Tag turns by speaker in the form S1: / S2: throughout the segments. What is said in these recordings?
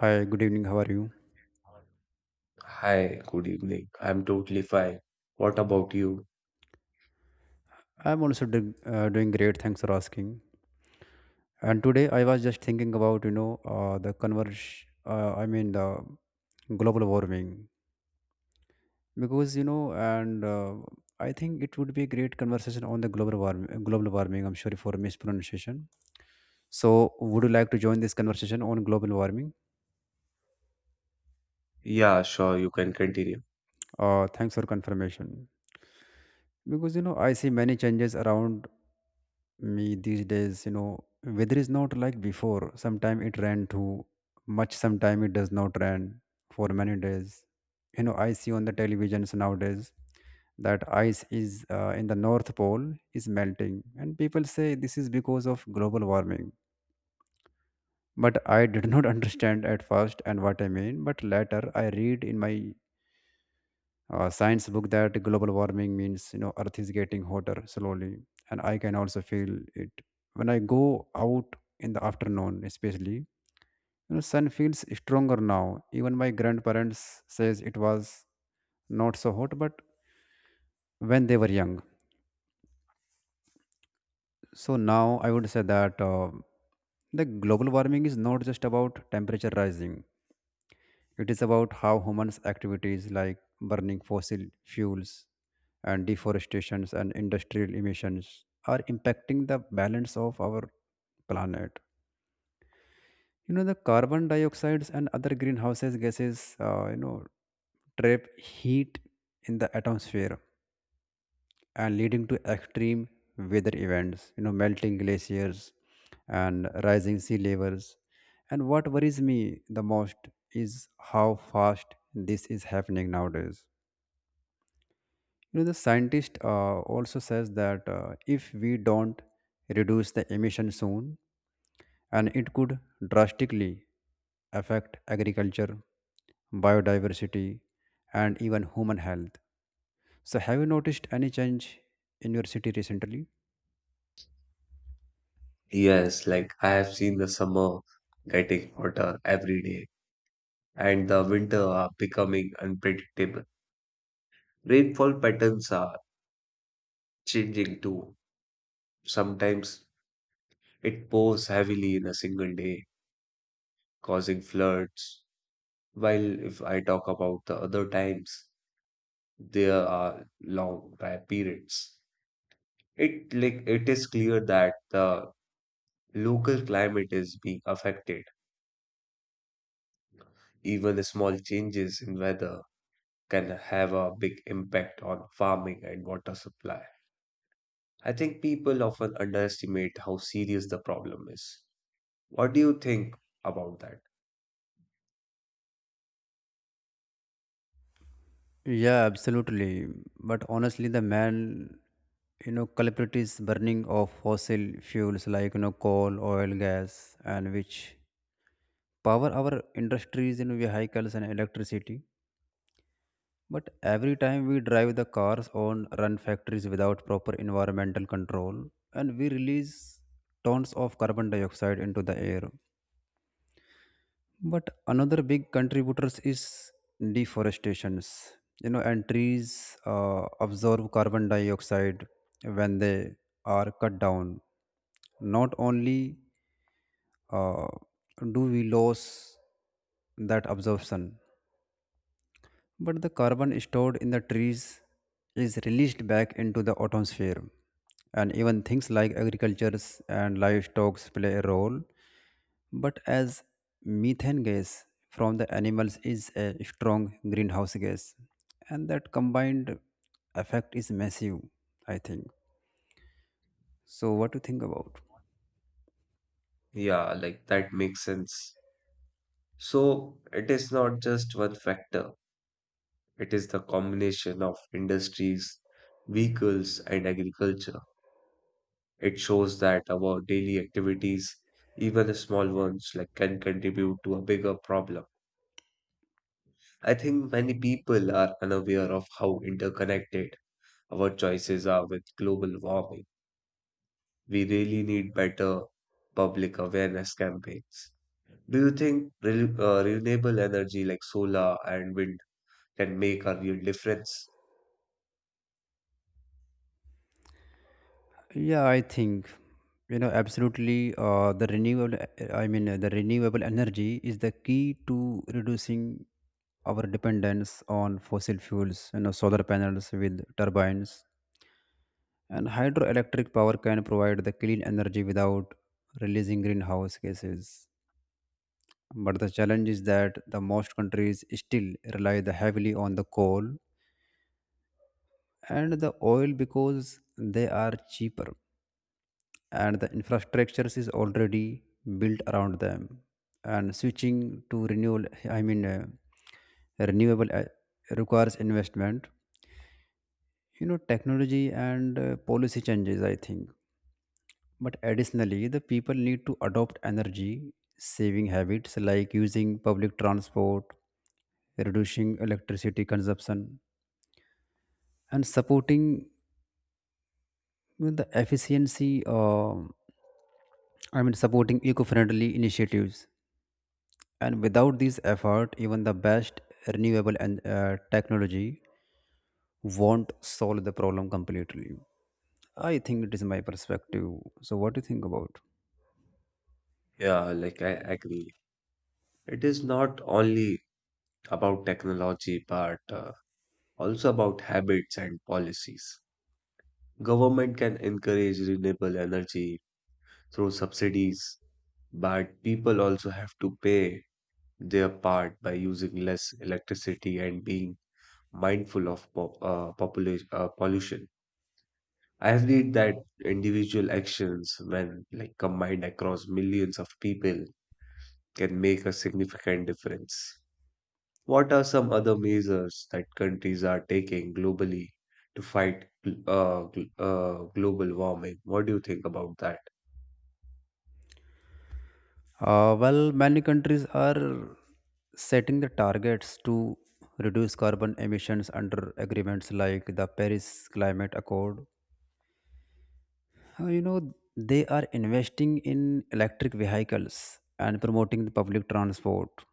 S1: Hi, good evening. How are you?
S2: Hi, good evening. I'm totally fine. What about you?
S1: I'm also doing great. Thanks for asking. And today I was just thinking about the converge. I mean the global warming, because you know and I think it would be a great conversation on the global warming. I'm sorry for mispronunciation. So would you like to join this conversation on global warming?
S2: Yeah, sure, you can continue.
S1: Thanks for confirmation. Because I see many changes around me these days. Weather is not like before. Sometime it rain too much, sometime it does not rain for many days. I see on the televisions nowadays that ice is, in the north pole, is melting, and people say this is because of global warming. But I did not understand at first and what I mean, but later I read in my science book that global warming means, earth is getting hotter slowly. And I can also feel it when I go out in the afternoon especially. Sun feels stronger now. Even my grandparents says it was not so hot, but when they were young. So now I would say that the global warming is not just about temperature rising. It is about how humans' activities like burning fossil fuels and deforestations and industrial emissions are impacting the balance of our planet. You know, the carbon dioxide and other greenhouse gases, trap heat in the atmosphere and leading to extreme weather events, melting glaciers and rising sea levels. And what worries me the most is how fast this is happening nowadays. You know, the scientist also says that, if we don't reduce the emission soon, and it could drastically affect agriculture, biodiversity, and even human health. So, have you noticed any change in your city recently?
S2: Yes, like I have seen the summer getting hotter every day, and the winter are becoming unpredictable. Rainfall patterns are changing too. Sometimes it pours heavily in a single day, causing floods. While if I talk about the other times, there are long dry periods. It like it is clear that the Local climate is being affected. Even small changes in weather can have a big impact on farming and water supply. I think people often underestimate how serious the problem is. What do you think about that?
S1: Yeah, absolutely. But honestly, the main culprit is burning of fossil fuels like coal, oil, gas, and which power our industries, vehicles, and electricity. But every time we drive the cars on run factories without proper environmental control, and we release tons of carbon dioxide into the air. But another big contributors is deforestations. You know, and trees absorb carbon dioxide when they are cut down. Not only, uh, do we lose that absorption, but the carbon stored in the trees is released back into the atmosphere. And even things like agricultures and livestock play a role. But as methane gas from the animals is a strong greenhouse gas, and that combined effect is massive, I think. So, what do you think about?
S2: Yeah, like that makes sense. So it is not just one factor, it is the combination of industries, vehicles, and agriculture. It shows that our daily activities, even small ones, like can contribute to a bigger problem. I think many people are unaware of how interconnected our choices are with global warming. We really need better public awareness campaigns. Do you think renewable energy like solar and wind can make a real difference?
S1: Yeah, I think absolutely. The renewable, I mean, the renewable energy is the key to reducing our dependence on fossil fuels. You know, solar panels with turbines and hydroelectric power can provide the clean energy without releasing greenhouse gases. But the challenge is that the most countries still rely the heavily on the coal and the oil because they are cheaper and the infrastructures is already built around them, and switching to renewal, I mean, renewable, requires investment, technology, and policy changes, I think. But additionally, the people need to adopt energy saving habits like using public transport, reducing electricity consumption, and supporting the efficiency, I mean, supporting eco-friendly initiatives. And without this effort, even the best renewable and technology won't solve the problem completely. I think it is my perspective. So, what do you think about?
S2: Yeah, like I agree. It is not only about technology, but also about habits and policies. Government can encourage renewable energy through subsidies, but people also have to pay their part by using less electricity and being mindful of population pollution. I have read that individual actions, when like combined across millions of people, can make a significant difference. What are some other measures that countries are taking globally to fight global warming? What do you think about that?
S1: Well, many countries are setting the targets to reduce carbon emissions under agreements like the Paris Climate Accord. You know, they are investing in electric vehicles and promoting the public transport,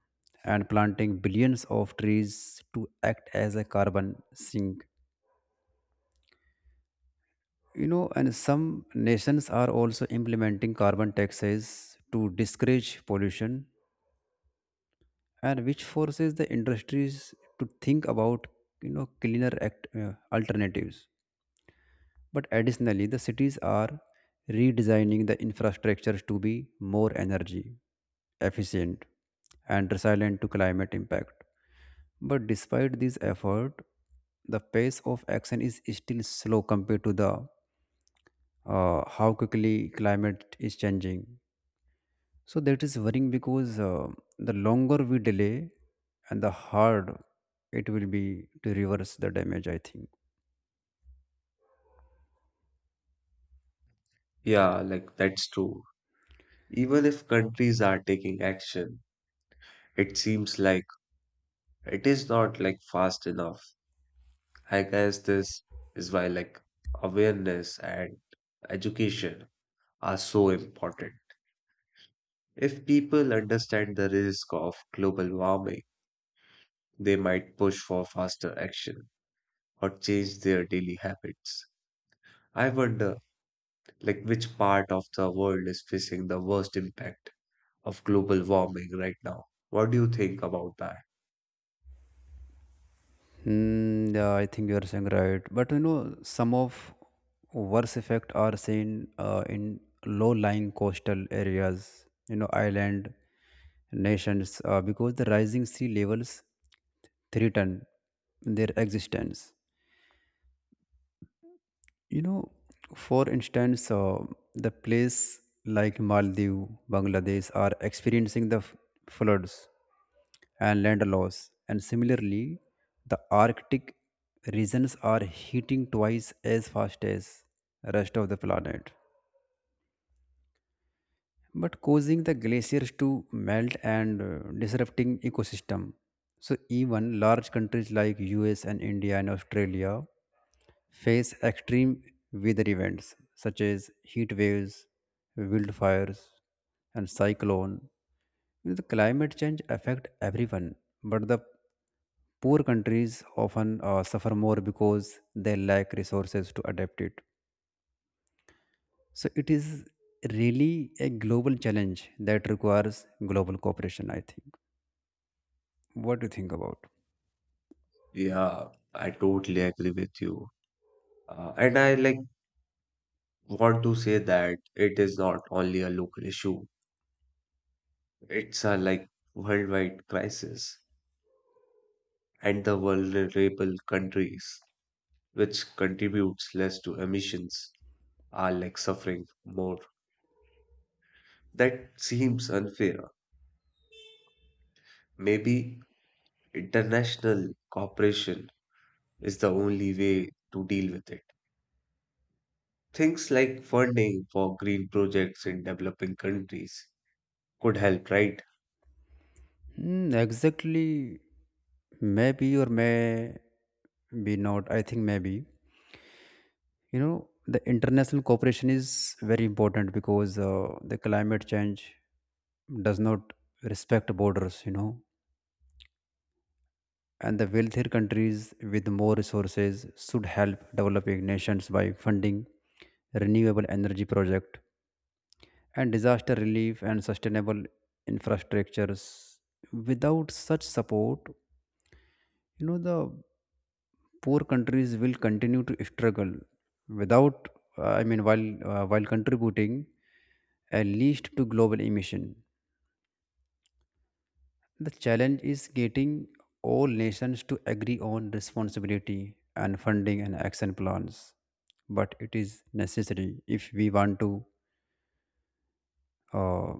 S1: and planting billions of trees to act as a carbon sink. And some nations are also implementing carbon taxes to discourage pollution, and which forces the industries to think about cleaner alternatives. But additionally, the cities are redesigning the infrastructures to be more energy efficient and resilient to climate impact. But despite this effort, the pace of action is still slow compared to the how quickly climate is changing. So that is worrying, because the longer we delay, and the hard it will be to reverse the damage, I think.
S2: Yeah, like that's true. Even if countries are taking action, it seems like it is not like fast enough. I guess this is why like awareness and education are so important. If people understand the risk of global warming, they might push for faster action or change their daily habits. I wonder like which part of the world is facing the worst impact of global warming right now. What do you think about that?
S1: Hmm, yeah, I think you are saying right. But you know, some of worse effects are seen in low-lying coastal areas, island nations, because the rising sea levels threaten their existence. you know for instance, the place like Maldives, Bangladesh are experiencing the floods and land loss. And similarly, the Arctic regions are heating twice as fast as rest of the planet, but causing the glaciers to melt and disrupting ecosystem. So even large countries like US and India and Australia face extreme weather events such as heat waves, wildfires, and cyclone. You know, the climate change affect everyone, but the poor countries often suffer more because they lack resources to adapt it. So it is really a global challenge that requires global cooperation, I think. What do you think about?
S2: Yeah, I totally agree with you. And I like want to say that it is not only a local issue, it's a like worldwide crisis and the vulnerable countries which contributes less to emissions are like suffering more. That seems unfair. Maybe international cooperation is the only way to deal with it. Things like funding for green projects in developing countries could help, right?
S1: Hmm, exactly. Maybe or may be not. I think maybe. You know, the international cooperation is very important because the climate change does not respect borders. And the wealthier countries with more resources should help developing nations by funding renewable energy project and disaster relief and sustainable infrastructures, without such support. The poor countries will continue to struggle without, I mean, while contributing at least to global emission. The challenge is getting all nations to agree on responsibility and funding and action plans, but it is necessary if we want to, uh,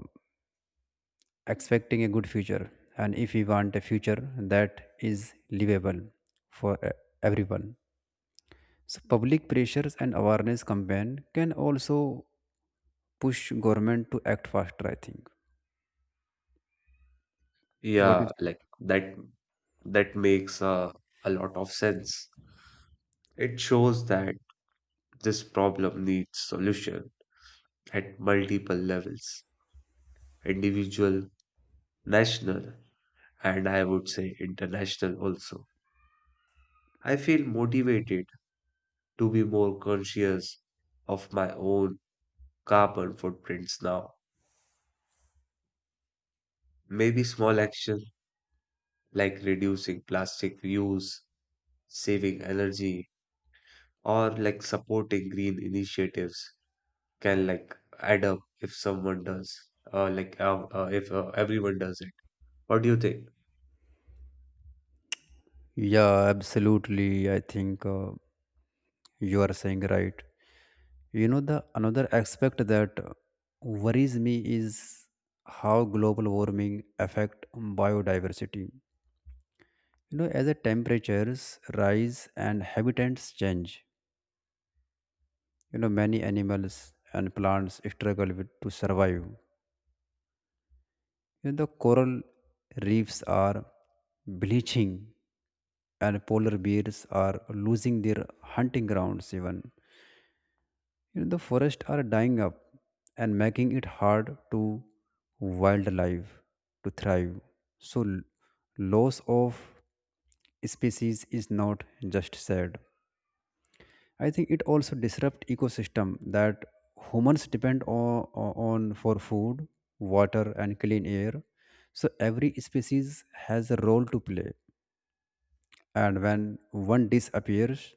S1: expecting a good future, and if we want a future that is livable for everyone. So public pressures and awareness campaign can also push government to act faster, I think. What do
S2: Yeah,
S1: you
S2: like that makes a lot of sense. It shows that this problem needs solution at multiple levels, individual, national, and I would say international also. I feel motivated to be more conscious of my own carbon footprints now. Maybe small action like reducing plastic use, saving energy, or like supporting green initiatives can like add up if someone does if everyone does it. What do you think?
S1: think? Yeah, absolutely, I think. You are saying right. You know, the another aspect that worries me is how global warming affect biodiversity. You know, as the temperatures rise and habitats change, many animals and plants struggle with, to survive. You know, the coral reefs are bleaching, and polar bears are losing their hunting grounds even. You know, the forests are dying up and making it hard to wildlife to thrive. So loss of species is not just sad. I think it also disrupt ecosystem that humans depend on for food, water, and clean air. So every species has a role to play, and when one disappears,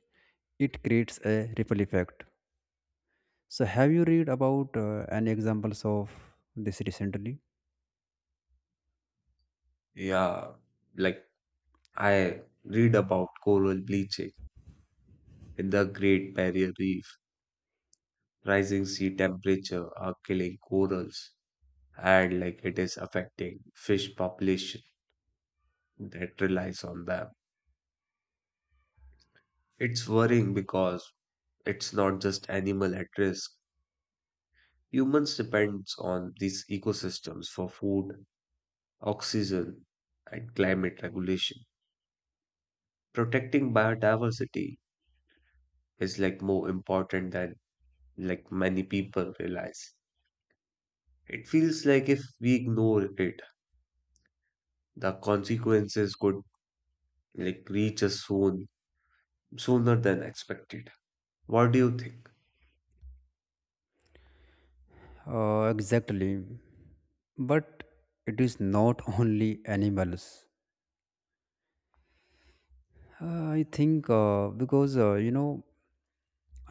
S1: it creates a ripple effect. So have you read about any examples of this recently?
S2: Yeah, like I read about coral bleaching in the great barrier reef. Rising sea temperature are killing corals, and like it is affecting fish population that relies on them. It's worrying because it's not just animal at risk. Humans depends on these ecosystems for food, oxygen, and climate regulation. Protecting biodiversity is like more important than like many people realize. It feels like if we ignore it, the consequences could like reach us soon, sooner than expected. What do you think?
S1: Exactly, but it is not only animals. I think, because,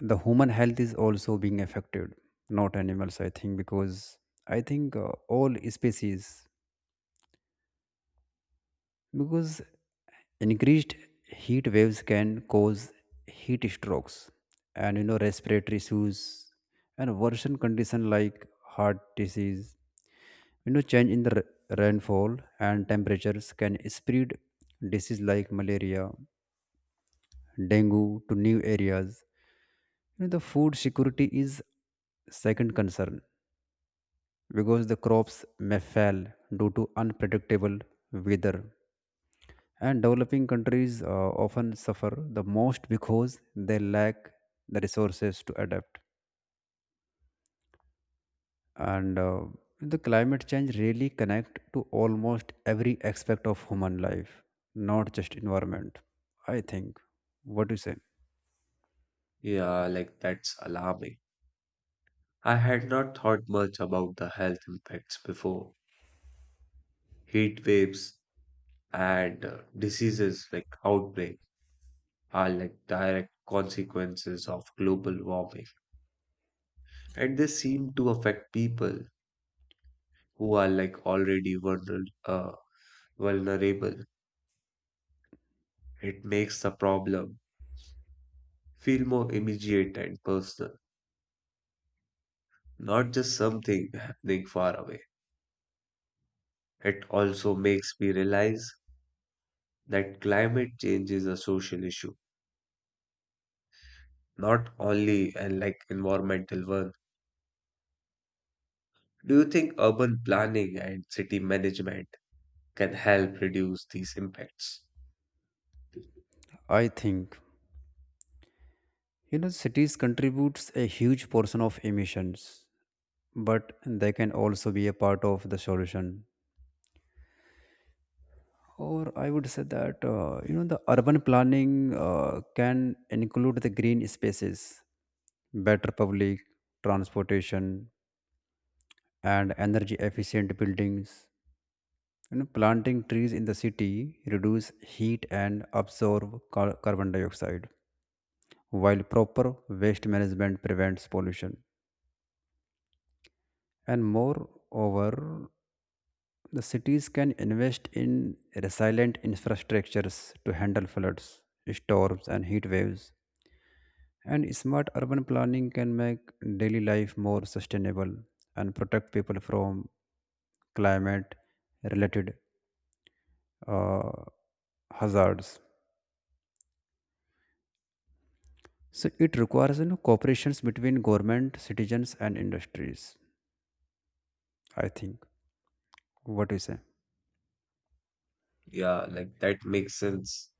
S1: the human health is also being affected, not animals, I think, because I think all species, because increased heat waves can cause heat strokes, and respiratory issues, and worsen condition like heart disease. Change in the rainfall and temperatures can spread disease like malaria, dengue, to new areas. You know, the food security is second concern because the crops may fail due to unpredictable weather. And developing countries often suffer the most because they lack the resources to adapt. And the climate change really connect to almost every aspect of human life, not just environment. I think. What do you say?
S2: Yeah, like that's alarming. I had not thought much about the health impacts before. Heat waves and diseases like outbreak are like direct consequences of global warming, and they seem to affect people who are like already vulnerable. It makes the problem feel more immediate and personal, not just something happening far away. It also makes me realize that climate change is a social issue, not only an like environmental one. Do you think urban planning and city management can help reduce these impacts?
S1: I think cities contributes a huge portion of emissions, but they can also be a part of the solution. Or I would say that the urban planning can include the green spaces, better public transportation, and energy efficient buildings. You know, planting trees in the city reduce heat and absorb carbon dioxide, while proper waste management prevents pollution. And moreover, the cities can invest in resilient infrastructures to handle floods, storms, and heat waves. And smart urban planning can make daily life more sustainable and protect people from climate related uh, hazards. So it requires cooperations between government, citizens, and industries. I think. What do you say?
S2: Yeah, like that makes sense.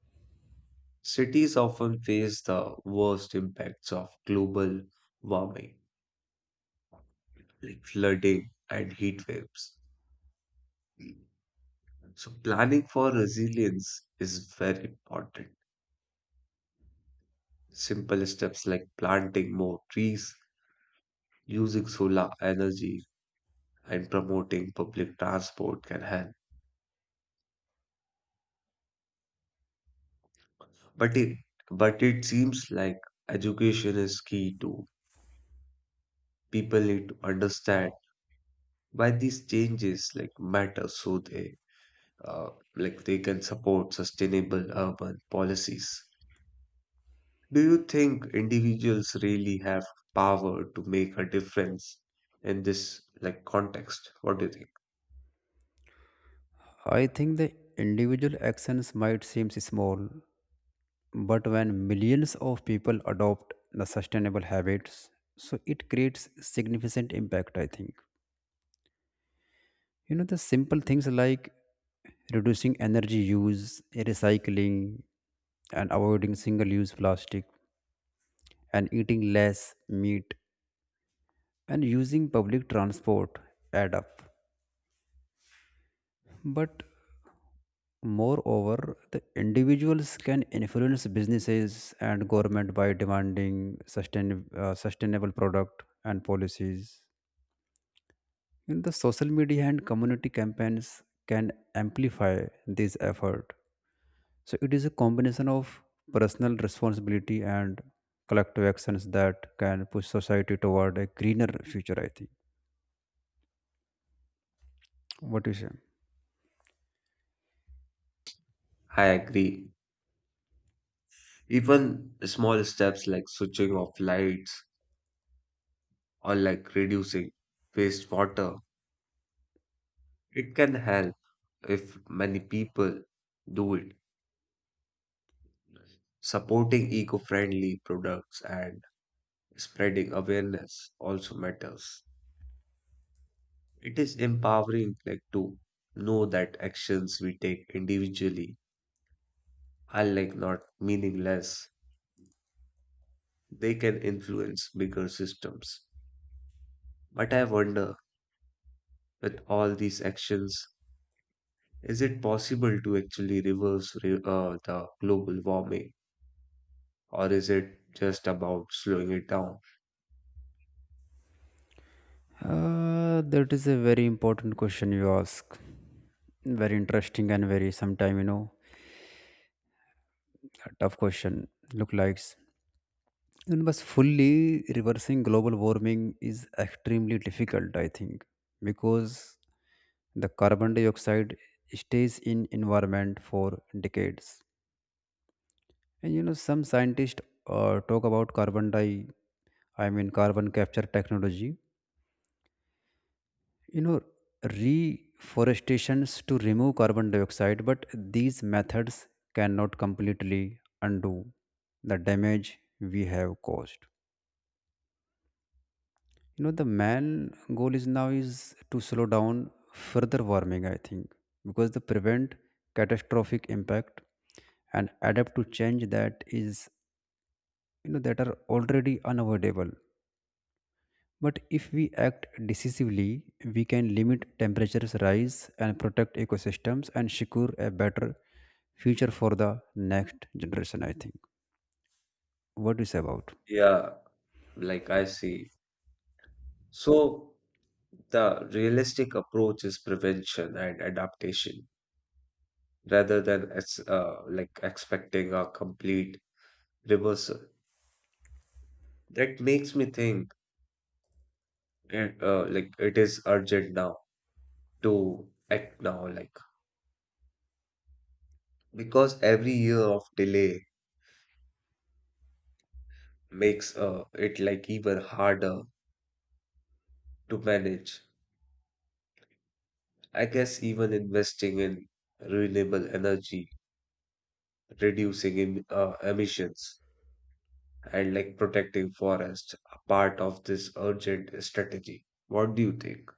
S2: Cities often face the worst impacts of global warming, like flooding and heat waves. So, planning for resilience is very important. Simple steps like planting more trees, using solar energy, and promoting public transport can help. But it, but it seems like education is key too. People need to understand why these changes like matter so they uh, like they can support sustainable urban policies. Do you think individuals really have power to make a difference in this like context? What do you think?
S1: I think the individual actions might seem small, but when millions of people adopt the sustainable habits, so it creates significant impact. I think. You know, the simple things like reducing energy use, recycling, and avoiding single use plastic, and eating less meat, and using public transport add up. But moreover, the individuals can influence businesses and government by demanding sustainable product and policies. You know, the social media and community campaigns can amplify this effort. So it is a combination of personal responsibility and collective actions that can push society toward a greener future, I think. What do you say?
S2: I agree. Even small steps like switching off lights or like reducing wastewater, it can help if many people do it. Supporting eco-friendly products and spreading awareness also matters. It is empowering, like to know that actions we take individually are like not meaningless. They can influence bigger systems. But I wonder, with all these actions, is it possible to actually reverse the global warming, or is it just about slowing it down?
S1: That is a very important question you ask. Very interesting and very sometime, a tough question. Look likes. And but fully reversing global warming is extremely difficult, I think, because the carbon dioxide stays in environment for decades. And some scientists talk about I mean carbon capture technology. You know, reforestations to remove carbon dioxide, but these methods cannot completely undo the damage we have caused. The main goal is now is to slow down further warming, I think, because the prevent catastrophic impact and adapt to change that is that are already unavoidable. But if we act decisively, we can limit temperatures rise and protect ecosystems and secure a better future for the next generation, I think. What do you say about?
S2: Yeah, like I see. So the realistic approach is prevention and adaptation, rather than like expecting a complete reversal. That makes me think like it is urgent now to act now, like because every year of delay makes it like even harder to manage. I guess even investing in renewable energy, reducing emissions, and like protecting forests are part of this urgent strategy. What do you think?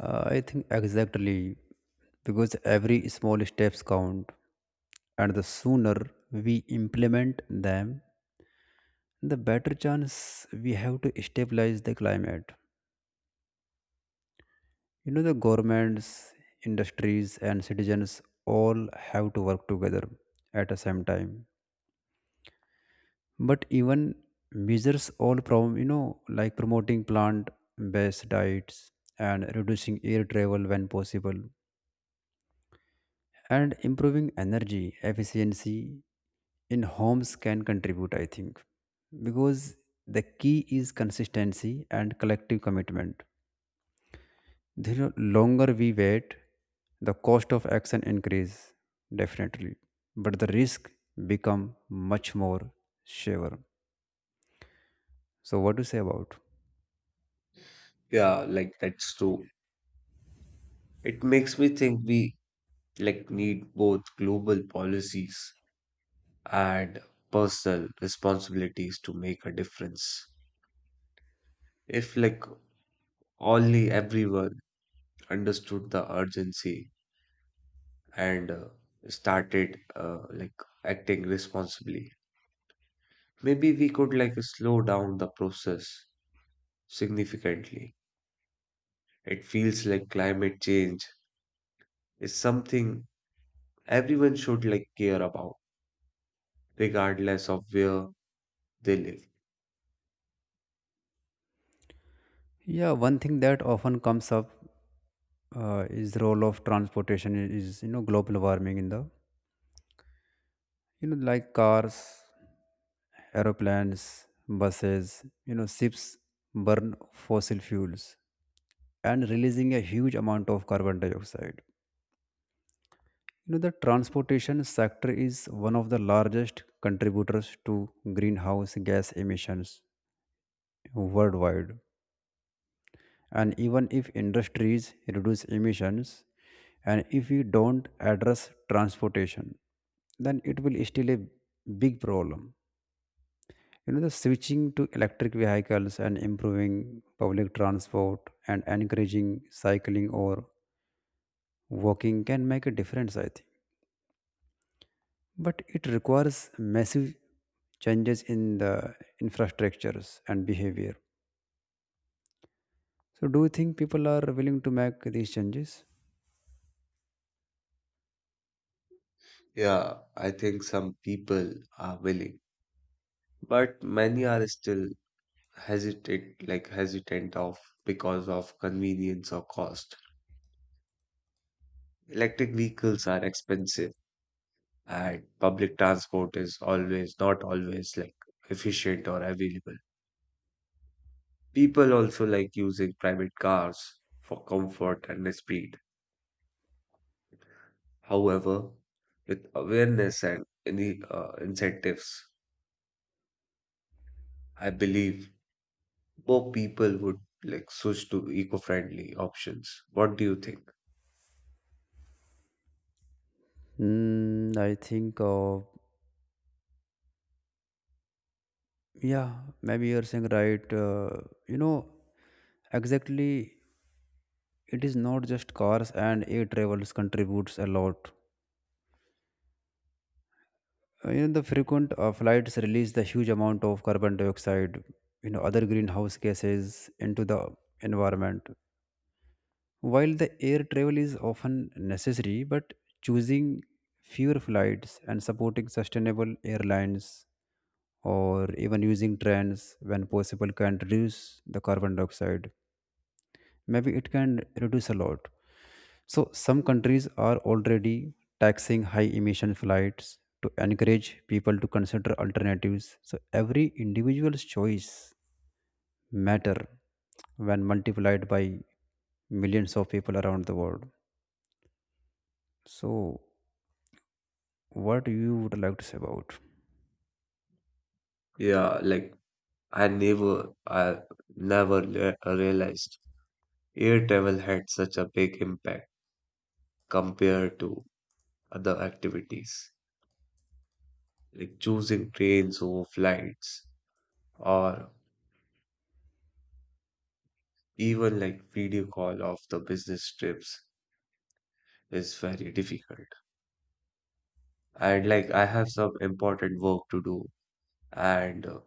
S1: I think exactly, because every small steps count and the sooner we implement them, the better chance we have to stabilize the climate. The governments, industries, and citizens all have to work together at the same time, but even measures all problem like promoting plant based diets and reducing air travel when possible and improving energy efficiency in homes can contribute, I think, because the key is consistency and collective commitment. The longer we wait, the cost of action increase, definitely, but the risk become much more sure. So what do you say about?
S2: Yeah, like that's true. It makes me think we like need both global policies and personal responsibilities to make a difference. If like only everyone understood the urgency and started like acting responsibly, maybe we could like slow down the process significantly. It feels like climate change is something everyone should like care about, regardless of where they live.
S1: Yeah, one thing that often comes up is the role of transportation is global warming in the like cars, aeroplanes, buses, ships burn fossil fuels and releasing a huge amount of carbon dioxide. The transportation sector is one of the largest contributors to greenhouse gas emissions worldwide. And even if industries reduce emissions and if we don't address transportation, then it will still a big problem. The switching to electric vehicles and improving public transport and encouraging cycling or walking can make a difference, I think, but it requires massive changes in the infrastructures and behavior. So do you think people are willing to make these changes?
S2: Yeah, I think some people are willing, but many are still hesitate, like hesitant of because of convenience or cost. Electric vehicles are expensive, and public transport is always not always like efficient or available. People also like using private cars for comfort and speed. However, with awareness and any incentives, I believe more people would like switch to eco-friendly options. What do you think?
S1: Mm, I think yeah, maybe you're saying right. You know, exactly. It is not just cars and air travels contributes a lot. You know, the frequent flights release the huge amount of carbon dioxide, other greenhouse gases into the environment. While the air travel is often necessary, but choosing fewer flights and supporting sustainable airlines or even using trains when possible can reduce the carbon dioxide, maybe it can reduce a lot. So some countries are already taxing high emission flights to encourage people to consider alternatives. So every individual's choice matter when multiplied by millions of people around the world. So what you would like to say about?
S2: Yeah, like I never realized air travel had such a big impact compared to other activities, like choosing trains over flights or even like video call of the business trips is very difficult. And like I have some important work to do, and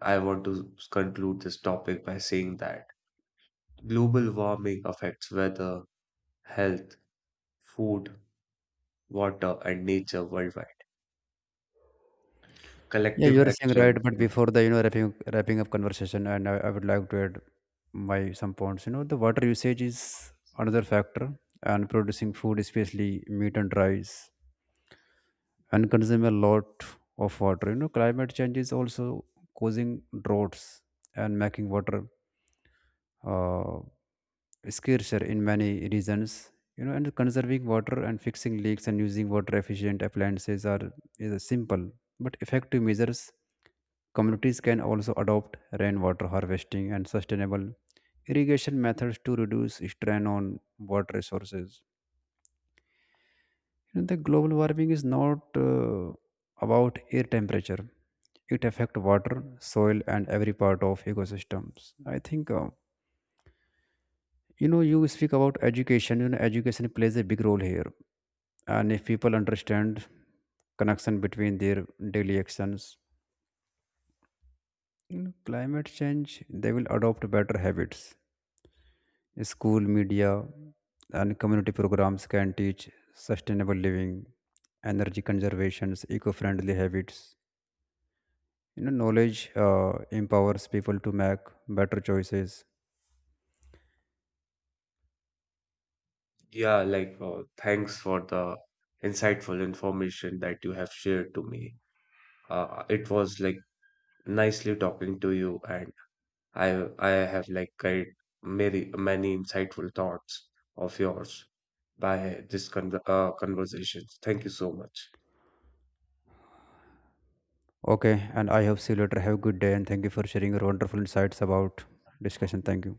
S2: I want to conclude this topic by saying that global warming affects weather, health, food, water, and nature worldwide.
S1: Yeah,
S2: Collective
S1: you are saying right,
S2: action.
S1: but before the wrapping up conversation, and I would like to add my some points. The water usage is another factor, and producing food, especially meat and rice, and consume a lot of water. Climate change is also causing droughts and making water uh, scarcer in many regions. And conserving water and fixing leaks and using water efficient appliances are is a simple but effective measures. Communities can also adopt rainwater harvesting and sustainable irrigation methods to reduce strain on water resources. The global warming is not about air temperature, it affects water soil and every part of ecosystems, I think. You speak about education. Education plays a big role here, and if people understand connection between their daily actions, climate change, they will adopt better habits. School media and community programs can teach sustainable living, energy conservations, eco-friendly habits. Knowledge empowers people to make better choices.
S2: Yeah, like thanks for the insightful information that you have shared to me. It was like nicely talking to you, and I have like got many many insightful thoughts of yours by this conversation. Thank you so much.
S1: Okay, and I hope see you later, have a good day and thank you for sharing your wonderful insights about discussion. Thank you.